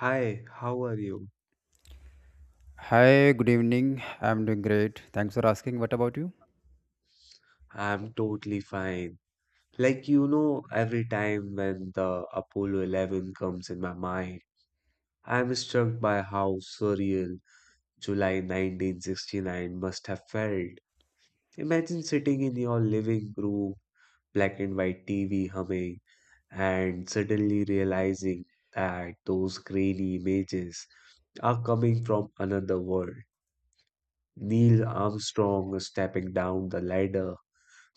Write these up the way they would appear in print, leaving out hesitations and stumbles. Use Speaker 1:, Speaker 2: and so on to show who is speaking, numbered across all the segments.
Speaker 1: Hi, how are you?
Speaker 2: Hi, good evening. I'm doing great. Thanks for asking. What about you?
Speaker 1: I'm totally fine. Every time when the Apollo 11 comes in my mind, I'm struck by how surreal July 1969 must have felt. Imagine sitting in your living room, black and white TV humming, and suddenly realizing that those grainy images are coming from another world. Neil Armstrong stepping down the ladder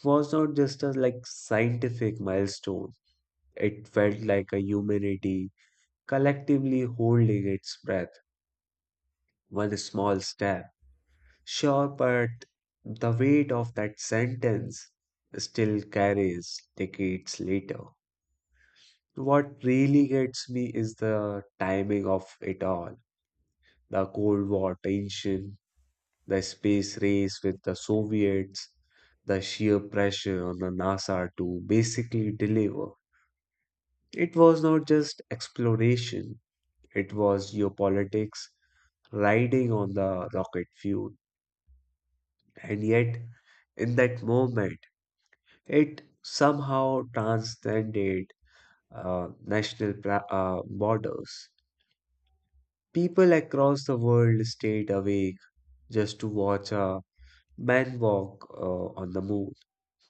Speaker 1: was not just a like scientific milestone. It felt like a humanity collectively holding its breath, one small step. Sure, but the weight of that sentence still carries decades later. What really gets me is the timing of it all. The Cold War tension, the space race with the Soviets, the sheer pressure on the NASA to basically deliver. It was not just exploration, it was geopolitics riding on the rocket fuel. And yet, in that moment, it somehow transcended borders. People across the world stayed awake just to watch a man walk on the moon.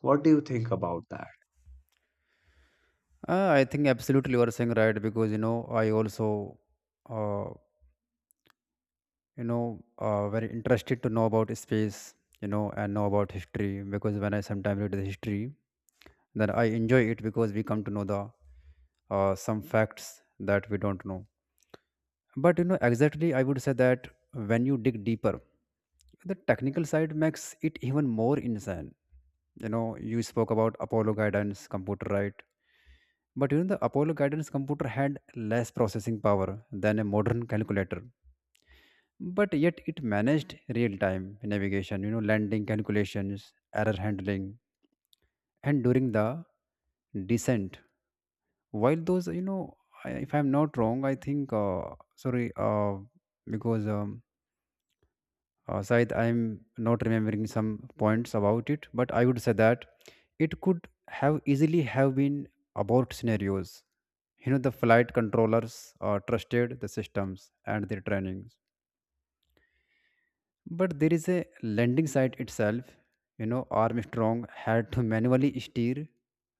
Speaker 1: What do you think about that?
Speaker 2: I think absolutely you are saying right because you know I also uh, you know very interested to know about space, you know, and know about history because when I sometimes read the history, then I enjoy it because we come to know the some facts that we don't know. But you know, exactly, I would say that when you dig deeper, the technical side makes it even more insane. You know, you spoke about Apollo guidance computer, right? But you know, the Apollo guidance computer had less processing power than a modern calculator. But yet it managed real time navigation, you know, landing calculations, error handling, and during the descent. While those, you know, if I'm not wrong, I think, because Syed, I'm not remembering some points about it, but I would say that it could have easily have been abort scenarios. You know, the flight controllers trusted the systems and their trainings. But there is a landing site itself. You know, Armstrong had to manually steer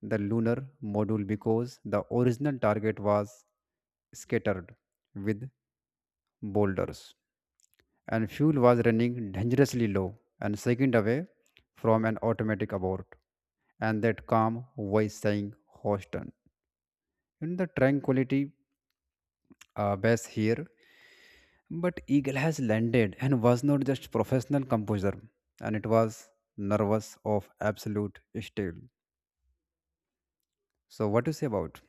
Speaker 2: the lunar module because the original target was scattered with boulders, and fuel was running dangerously low and second away from an automatic abort, and that calm voice saying Houston. In the tranquility base here, but Eagle has landed, and was not just professional composer, and it was nervous of absolute steel. So what do you say about?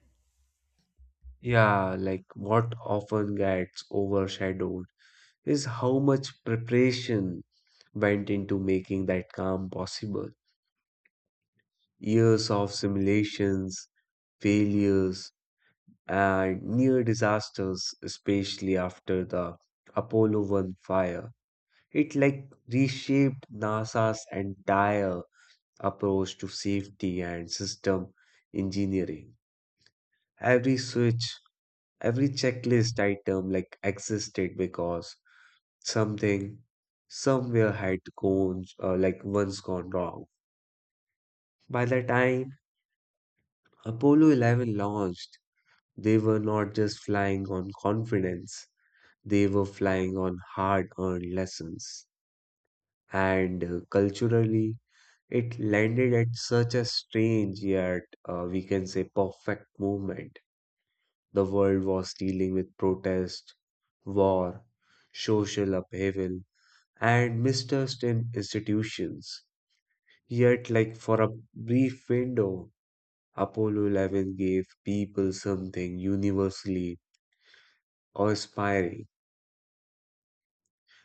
Speaker 1: Yeah, like what often gets overshadowed is how much preparation went into making that calm possible. Years of simulations, failures, and near disasters, especially after the Apollo 1 fire. It like reshaped NASA's entire approach to safety and system engineering. Every switch, every checklist item like existed because something somewhere had gone like once gone wrong. By the time Apollo 11 launched, they were not just flying on confidence, they were flying on hard-earned lessons. And culturally, it landed at such a strange yet we can say perfect moment. The world was dealing with protest, war, social upheaval, and mistrust in institutions. Yet, like for a brief window, Apollo 11 gave people something universally aspiring.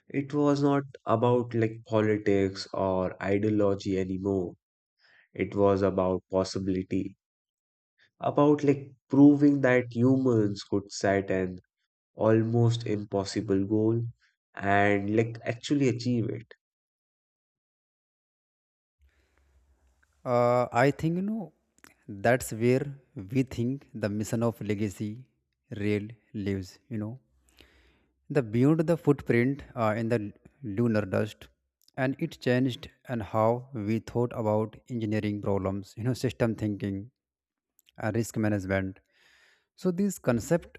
Speaker 1: It was not about like politics or ideology anymore. It was about possibility, about like proving that humans could set an almost impossible goal and like actually achieve it.
Speaker 2: I think you know that's where we think the mission of legacy real lives. You know, they viewed the footprint in the lunar dust, and it changed and how we thought about engineering problems, you know, system thinking and risk management. So this concept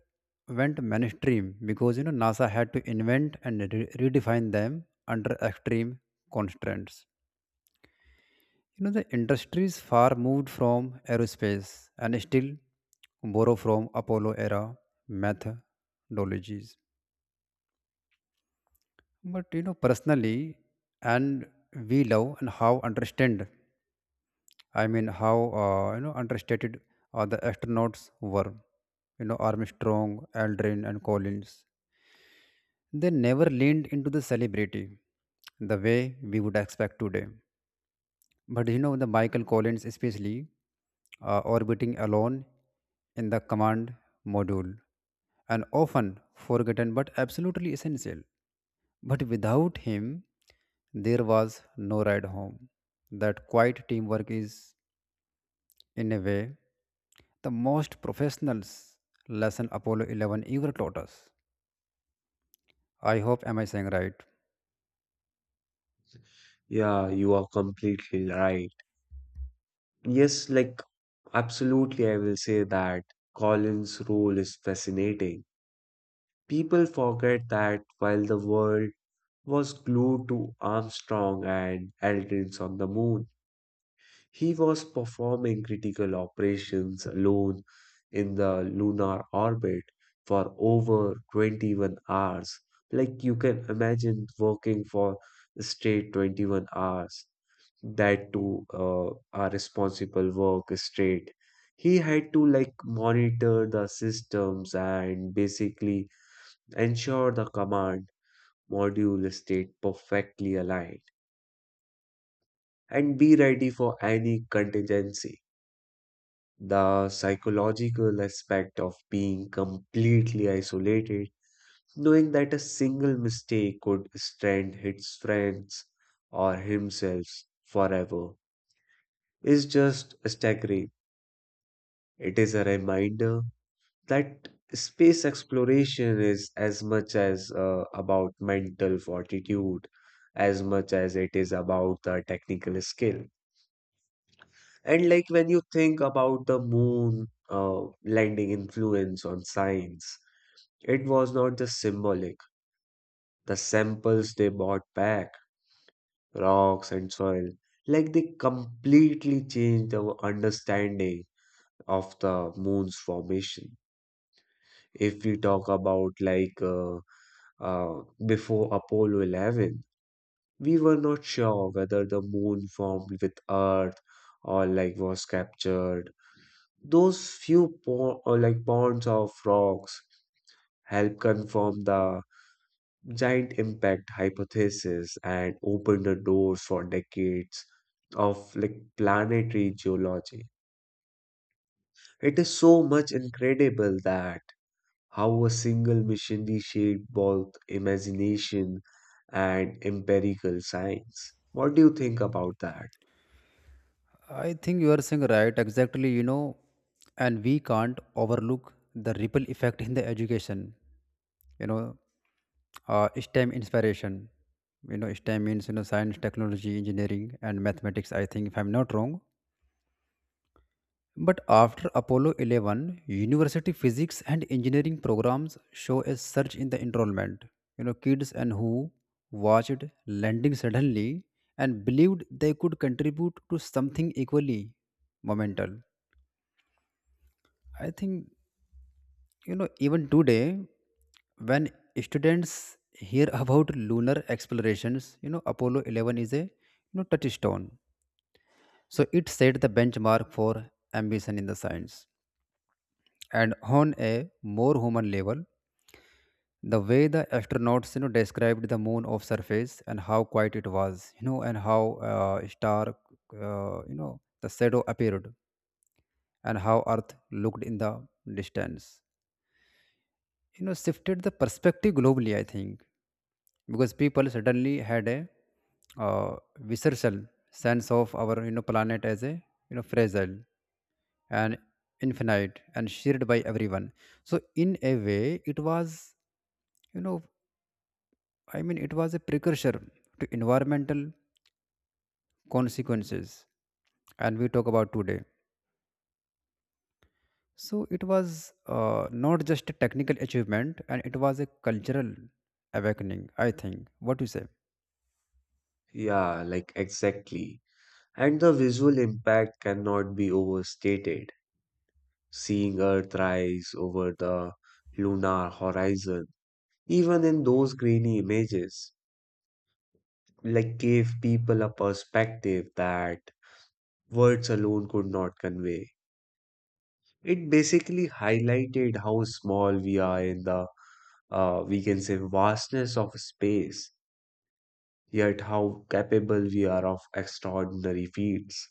Speaker 2: went mainstream because you know NASA had to invent and redefine them under extreme constraints. You know, the industry is far moved from aerospace and still borrow from Apollo era methodologies. But you know, personally, and we love and how understand, I mean, how, you know, understated the astronauts were. You know, Armstrong, Aldrin, and Collins. They never leaned into the celebrity the way we would expect today. But you know, the Michael Collins, especially orbiting alone in the command module, and often forgotten but absolutely essential. But without him, there was no ride home. That quiet teamwork is, in a way, the most professionals lesson Apollo 11 ever taught us. I hope am I saying right?
Speaker 1: Yeah, you are completely right. Yes, like absolutely, I will say that Collins' role is fascinating. People forget that while the world was glued to Armstrong and Aldrin's on the moon, he was performing critical operations alone in the lunar orbit for over 21 hours. Like you can imagine working for straight 21 hours that too a responsible work straight. He had to like monitor the systems and basically ensure the command module stayed perfectly aligned and be ready for any contingency. The psychological aspect of being completely isolated, knowing that a single mistake could strand his friends or himself forever, is just staggering. It is a reminder that space exploration is as much as about mental fortitude as much as it is about the technical skill. And like when you think about the moon landing influence on science, it was not just symbolic. The samples they brought back, rocks and soil, like they completely changed our understanding of the moon's formation. If we talk about before Apollo 11, we were not sure whether the moon formed with Earth or like was captured. Those few po or like ponds of rocks help confirm the giant impact hypothesis and open the doors for decades of like planetary geology. It is so much incredible that how a single mission reshaped both imagination and empirical science. What do you think about that?
Speaker 2: I think you are saying right exactly, you know, and we can't overlook the ripple effect in the education, you know, STEM inspiration. You know, STEM means, you know, science, technology, engineering, and mathematics, I think, if I'm not wrong. But after Apollo 11, university physics and engineering programs show a surge in the enrollment. You know, kids and who watched landing suddenly and believed they could contribute to something equally monumental. I think, you know, even today, when students hear about lunar explorations, you know, Apollo 11 is a you know, touchstone. So it set the benchmark for ambition in the science, and on a more human level the way the astronauts you know described the moon of surface and how quiet it was, you know, and how star you know the shadow appeared and how earth looked in the distance, you know, shifted the perspective globally, I think, because people suddenly had a uh, visceral sense of our you know planet as a you know fragile and infinite and shared by everyone. So in a way it was, you know, I mean, it was a precursor to environmental consequences, and we talk about today. So it was not just a technical achievement, and it was a cultural awakening. I think. What do you say?
Speaker 1: Yeah, like exactly. And the visual impact cannot be overstated. Seeing Earth rise over the lunar horizon, even in those grainy images, like gave people a perspective that words alone could not convey. It basically highlighted how small we are in the, we can say, vastness of space, yet how capable we are of extraordinary feats.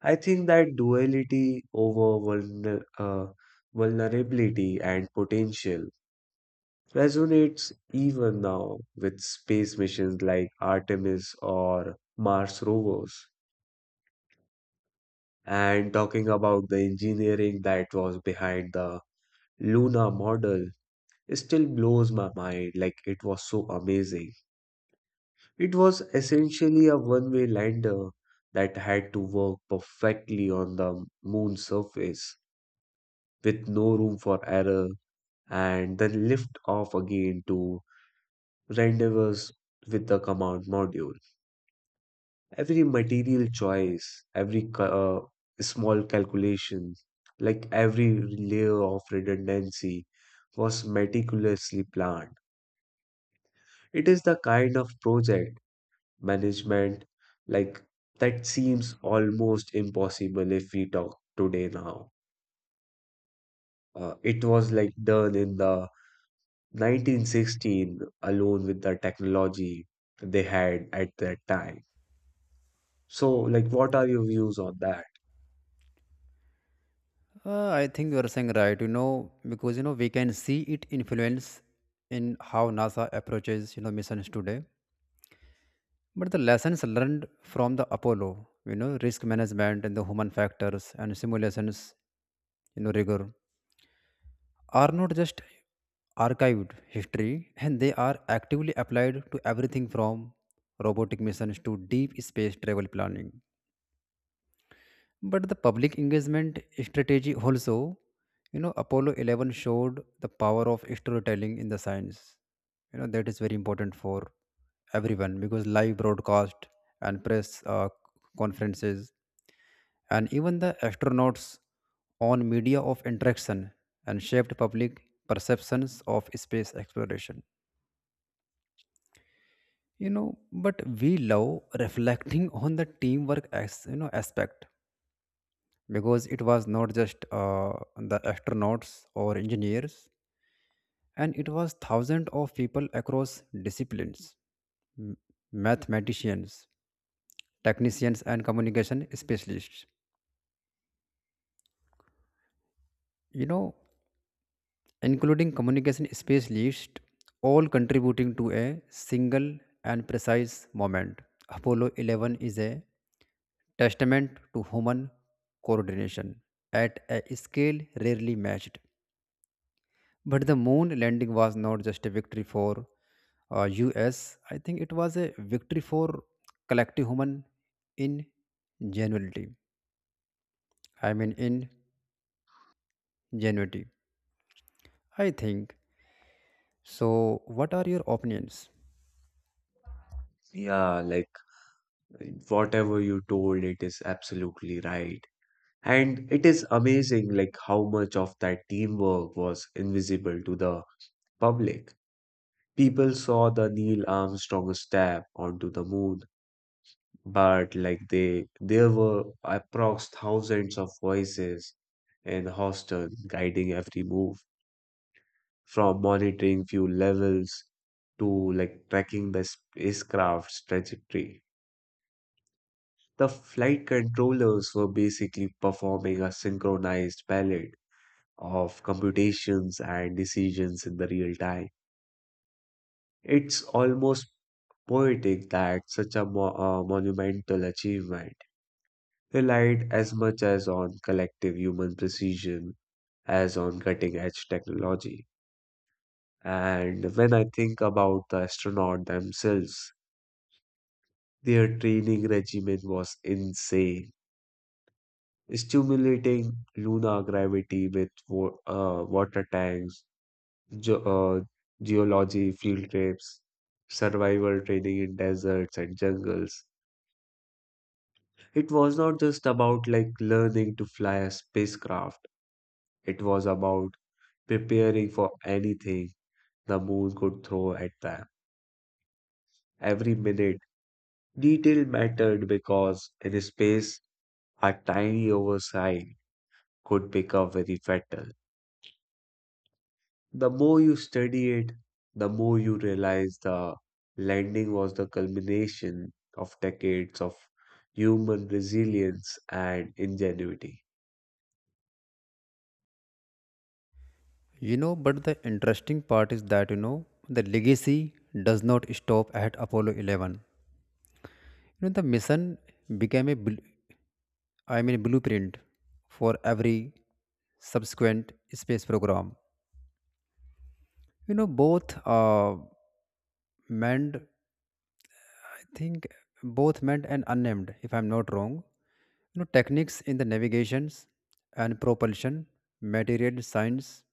Speaker 1: I think that duality over vulnerability and potential resonates even now with space missions like Artemis or Mars rovers. And talking about the engineering that was behind the Luna model, it still blows my mind like it was so amazing. It was essentially a one-way lander that had to work perfectly on the moon's surface with no room for error and then lift off again to rendezvous with the command module. Every material choice, every small calculation, like every layer of redundancy was meticulously planned. It is the kind of project management like that seems almost impossible if we talk today now. Uh, it was like done in the 1916 alone with the technology they had at that time. So like what are your views on that?
Speaker 2: I think you are saying right. You know, because you know we can see it influence in how NASA approaches you know missions today. But the lessons learned from the Apollo, you know, risk management and the human factors and simulations, you know, rigor are not just archived history, and they are actively applied to everything from robotic missions to deep space travel planning. But the public engagement strategy also, you know, Apollo 11 showed the power of storytelling in the science. You know that is very important for everyone because live broadcast and press conferences and even the astronauts on media of interaction and shaped public perceptions of space exploration, you know. But we love reflecting on the teamwork as you know aspect because it was not just the astronauts or engineers, and it was thousands of people across disciplines, m- mathematicians, technicians, and communication specialists, you know, including communication space, list all contributing to a single and precise moment. Apollo 11 is a testament to human coordination at a scale rarely matched. But the moon landing was not just a victory for US, I think it was a victory for collective human ingenuity. I mean, ingenuity. I think. So, what are your opinions?
Speaker 1: Yeah, like whatever you told it is absolutely right. And it is amazing like how much of that teamwork was invisible to the public. People saw the Neil Armstrong step onto the moon, but like they there were approx thousands of voices in the hostel guiding every move, from monitoring fuel levels to like tracking the spacecraft's trajectory. The flight controllers were basically performing a synchronized palette of computations and decisions in the real time. It's almost poetic that such a monumental achievement relied as much as on collective human precision as on cutting edge technology. And when I think about the astronaut themselves, their training regimen was insane, stimulating lunar gravity with water tanks, ge- uh, geology field trips, survival training in deserts and jungles. It was not just about like learning to fly a spacecraft. It was about preparing for anything the moon could throw at them. Every minute, detail mattered because in space, a tiny oversight could become very fatal. The more you study it, the more you realize the landing was the culmination of decades of human resilience and ingenuity.
Speaker 2: You know, but the interesting part is that, you know, the legacy does not stop at Apollo 11. You know, the mission became a, blueprint for every subsequent space program. You know, both manned, I think, both manned and unnamed, if I'm not wrong. You know, techniques in the navigations and propulsion, material science,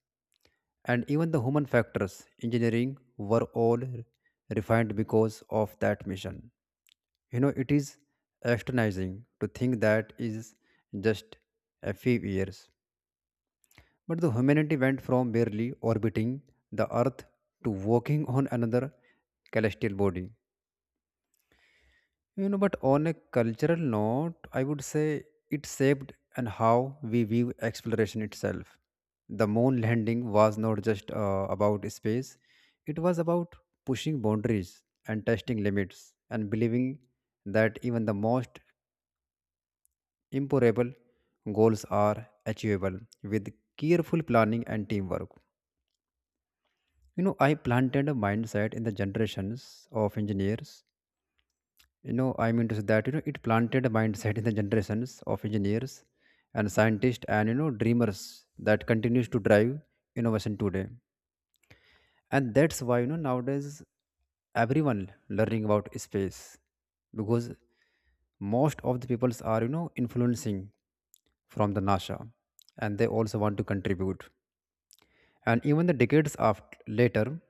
Speaker 2: and even the human factors engineering were all refined because of that mission. You know it is astonishing to think that is just a few years, but the humanity went from barely orbiting the earth to walking on another celestial body. You know, but on a cultural note, I would say it shaped and how we view exploration itself. The moon landing was not just about space, it was about pushing boundaries and testing limits and believing that even the most impossible goals are achievable with careful planning and teamwork. You know, I planted a mindset in the generations of engineers, you know I mean to say that you know it planted a mindset in the generations of engineers and scientists and you know dreamers that continues to drive innovation today. And that's why you know nowadays everyone learning about space because most of the peoples are, you know, influencing from the NASA, and they also want to contribute, and even the decades after later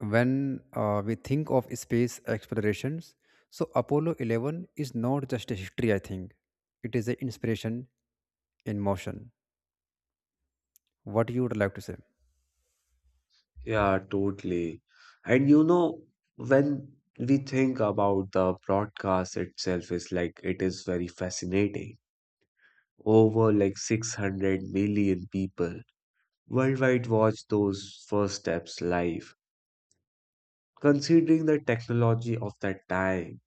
Speaker 2: when we think of space explorations, so Apollo 11 is not just a history, I think it is an inspiration in motion. What you would like to say?
Speaker 1: Yeah, totally. And you know, when we think about the broadcast itself, is like it is very fascinating. Over like 600 million people worldwide watch those first steps live. Considering the technology of that time,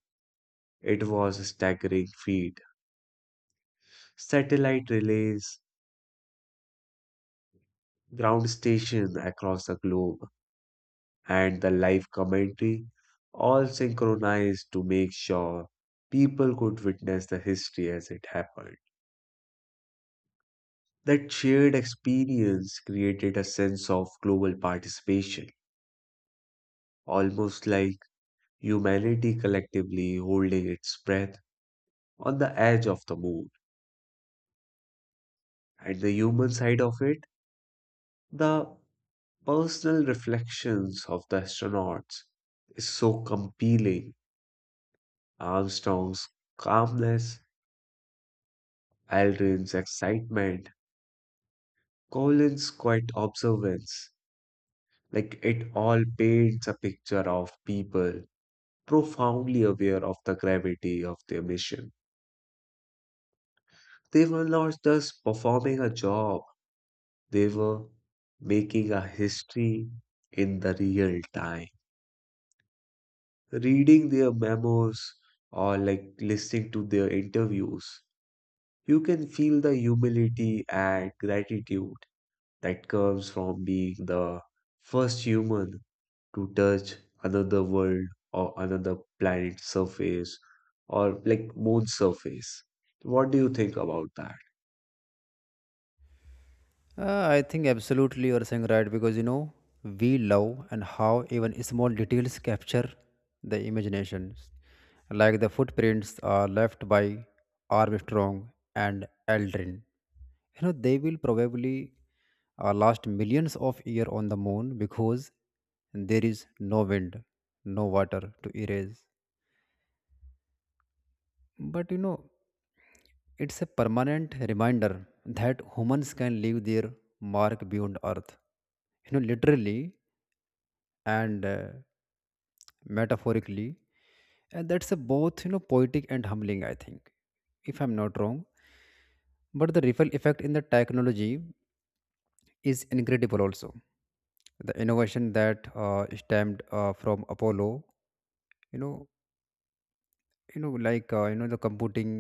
Speaker 1: it was a staggering feat. Satellite relays, ground station across the globe, and the live commentary, all synchronized to make sure people could witness the history as it happened. That shared experience created a sense of global participation, almost like humanity collectively holding its breath on the edge of the moon. And the human side of it, the personal reflections of the astronauts, is so compelling. Armstrong's calmness, Aldrin's excitement, Colin's quiet observance, like it all paints a picture of people profoundly aware of the gravity of their mission. They were not just performing a job, they were making a history in the real time. Reading their memos or like listening to their interviews, you can feel the humility and gratitude that comes from being the first human to touch another world or another planet's surface or like moon's surface. What do you think about that?
Speaker 2: I think absolutely you are saying right because you know we love and how even small details capture the imaginations, like the footprints are left by Armstrong and Aldrin. You know they will probably last millions of years on the moon because there is no wind, no water to erase. But you know it's a permanent reminder that humans can leave their mark beyond Earth, you know, literally and metaphorically. And that's a both, you know, poetic and humbling, I think, if I'm not wrong. But the ripple effect in the technology is incredible also. The innovation that stemmed from Apollo, you know, you know the computing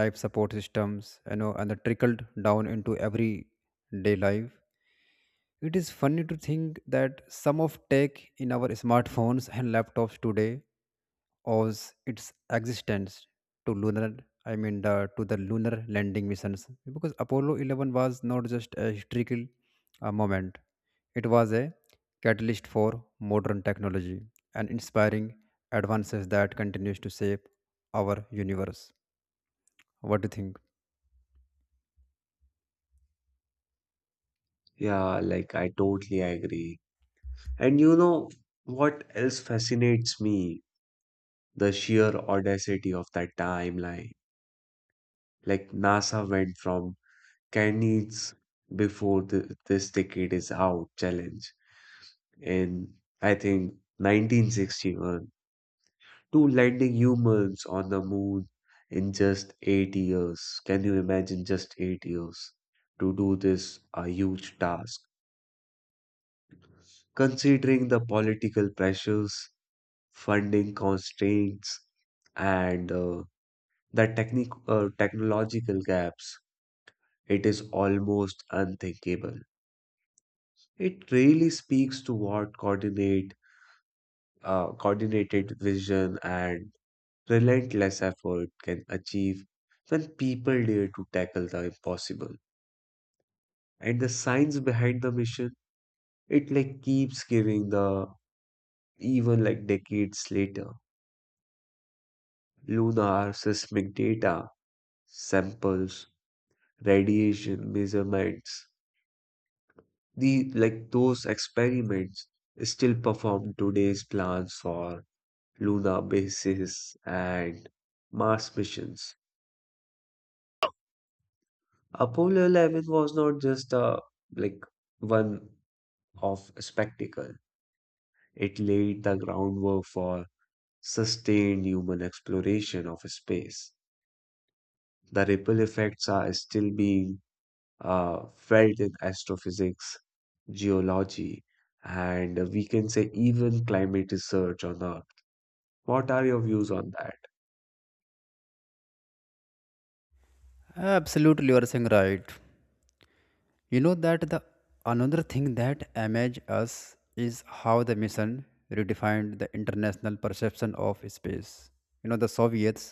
Speaker 2: life support systems, you know, and the trickled down into everyday life. It is funny to think that some of tech in our smartphones and laptops today owes its existence to lunar, I mean the to the lunar landing missions, because Apollo 11 was not just a historical moment, it was a catalyst for modern technology and inspiring advances that continues to shape our universe. What do you think?
Speaker 1: Yeah, like I totally agree. And you know what else fascinates me? The sheer audacity of that timeline. Like NASA went from can needs before this decade is out challenge in I think 1961 to landing humans on the moon in just 8 years. Can you imagine just 8 years to do this a huge task? Considering the political pressures, funding constraints, and the technic technological gaps, it is almost unthinkable. It really speaks to what coordinated vision and relentless effort can achieve when people dare to tackle the impossible. And the science behind the mission, it like keeps giving the even like decades later. Lunar seismic data, samples, radiation measurements, the like those experiments still perform today's plans for lunar bases and Mars missions. Apollo 11 was not just a like one of spectacle. It laid the groundwork for sustained human exploration of space. The ripple effects are still being felt in astrophysics, geology, and we can say even climate research on Earth. What are your views on that?
Speaker 2: Absolutely you are saying right. You know that the another thing that amazed us is how the mission redefined the international perception of space. You know the Soviets,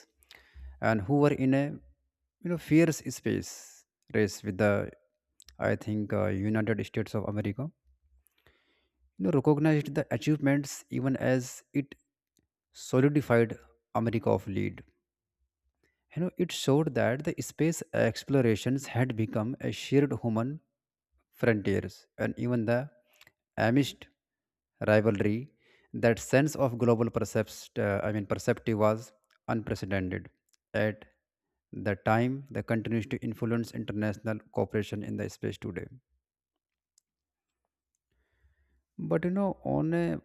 Speaker 2: and who were in a, you know, fierce space race with the, I think, United States of America, you know, recognized the achievements even as it solidified America of lead. You know, it showed that the space explorations had become a shared human frontiers, and even the amidst rivalry, that sense of global perceptive was unprecedented. At the time, that continues to influence international cooperation in the space today. But you know, on a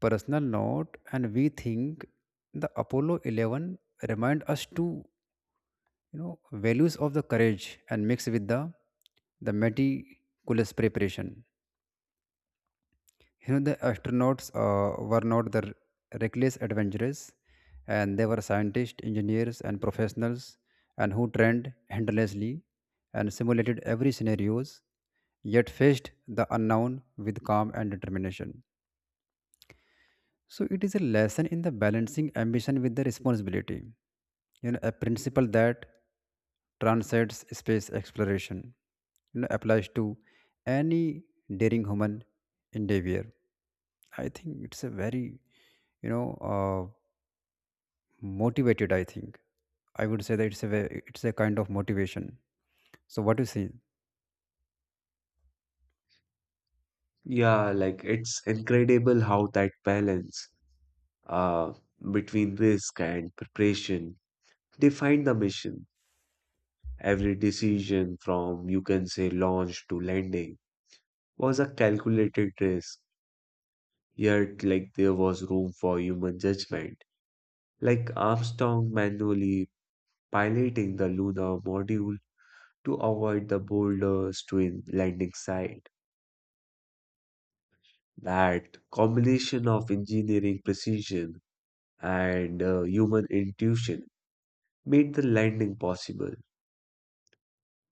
Speaker 2: personal note, and we think the Apollo 11 remind us to, you know, values of the courage and mix with the meticulous preparation. You know the astronauts were not the reckless adventurers, and they were scientists, engineers, and professionals, and who trained endlessly and simulated every scenarios yet faced the unknown with calm and determination. So it is a lesson in the balancing ambition with the responsibility. You know, a principle that transcends space exploration. You know, applies to any daring human endeavor. I think it's a very, you know, motivated. I think I would say that it's a it's a kind of motivation. So what do you see?
Speaker 1: Yeah, like it's incredible how that balance uh, between risk and preparation defined the mission. Every decision from you can say launch to landing was a calculated risk, yet like there was room for human judgment, like Armstrong manually piloting the lunar module to avoid the boulder's twin landing site. That combination of engineering precision and human intuition made the landing possible.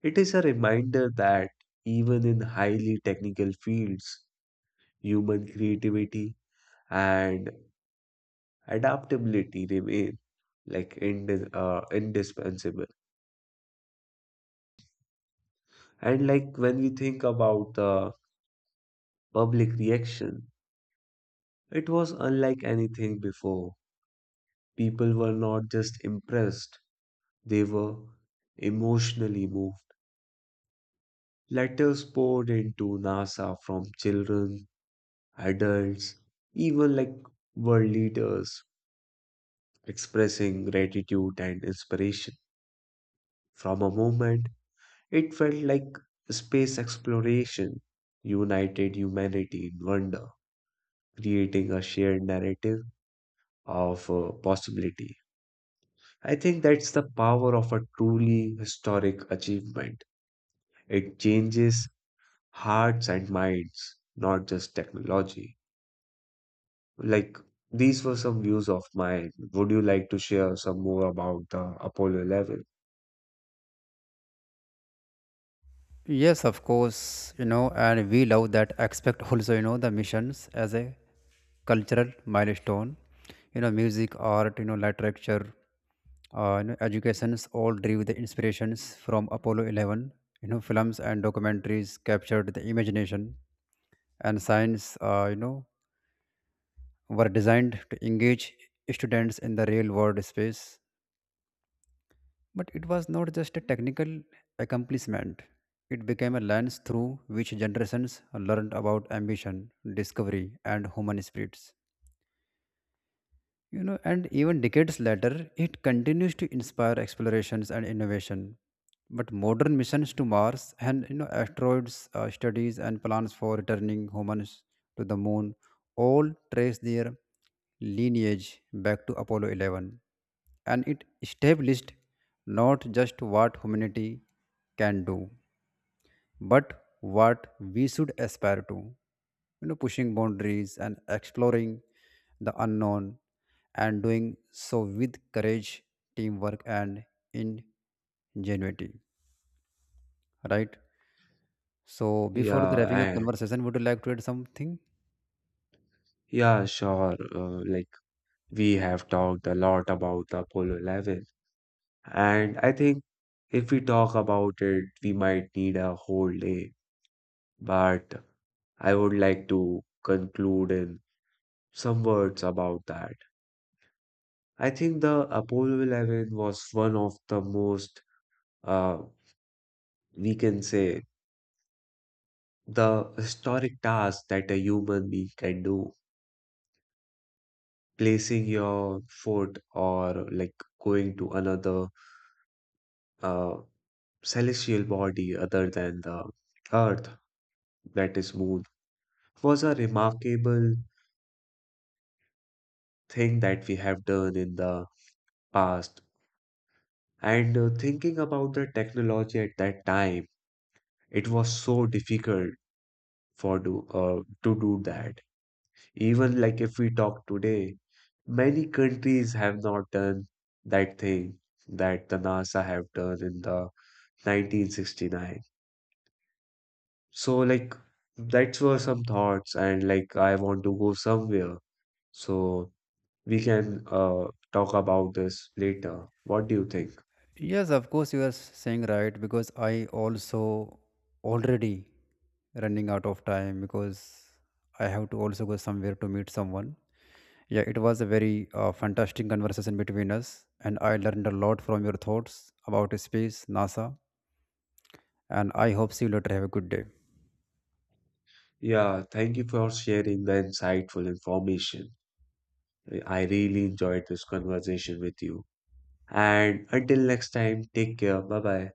Speaker 1: It is a reminder that even in highly technical fields, human creativity and adaptability remain like indispensable. And like when we think about the public reaction, it was unlike anything before. People were not just impressed, they were emotionally moved. Letters poured into NASA from children, adults, even like world leaders expressing gratitude and inspiration. From a moment, it felt like space exploration united humanity in wonder, creating a shared narrative of possibility. I think that's the power of a truly historic achievement. It changes hearts and minds, not just technology. Like, these were some views of mine. Would you like to share some more about the Apollo 11?
Speaker 2: Yes, of course, you know, and we love that aspect also, you know, the missions as a cultural milestone. You know, music, art, you know, literature, you know, educations all drew the inspirations from Apollo 11. You know, films and documentaries captured the imagination, and science, you know, were designed to engage students in the real world space. But it was not just a technical accomplishment, it became a lens through which generations learned about ambition, discovery, and human spirits. You know, and even decades later it continues to inspire explorations and innovation, but modern missions to Mars and, you know, asteroids studies and plans for returning humans to the moon all trace their lineage back to Apollo 11, and it established not just what humanity can do but what we should aspire to, you know, pushing boundaries and exploring the unknown and doing so with courage, teamwork, and ingenuity, right? So before the
Speaker 1: Yeah,
Speaker 2: wrapping up
Speaker 1: and
Speaker 2: conversation, would you like to add something?
Speaker 1: yeah, sure. We have talked a lot about the Apollo 11, and I think if we talk about it, we might need a whole day. But I would like to conclude in some words about that. I think the Apollo 11 was one of the most, uh, we can say, the historic task that a human being can do. Placing your foot or like going to another uh, celestial body other than the Earth, that is Moon, was a remarkable thing that we have done in the past. And thinking about the technology at that time, it was so difficult for do to do that. Even like if we talk today, many countries have not done that thing that the NASA have done in the 1969. So like that were some thoughts, and like I want to go somewhere, so we can talk about this later. What do you think?
Speaker 2: Yes, of course, you are saying right because I also already running out of time because I have to also go somewhere to meet someone. Yeah, it was a very fantastic conversation between us, and I learned a lot from your thoughts about space, NASA, and I hope see you later. Have a good day.
Speaker 1: Yeah, thank you for sharing the insightful information. I really enjoyed this conversation with you. And until next time, take care. Bye bye.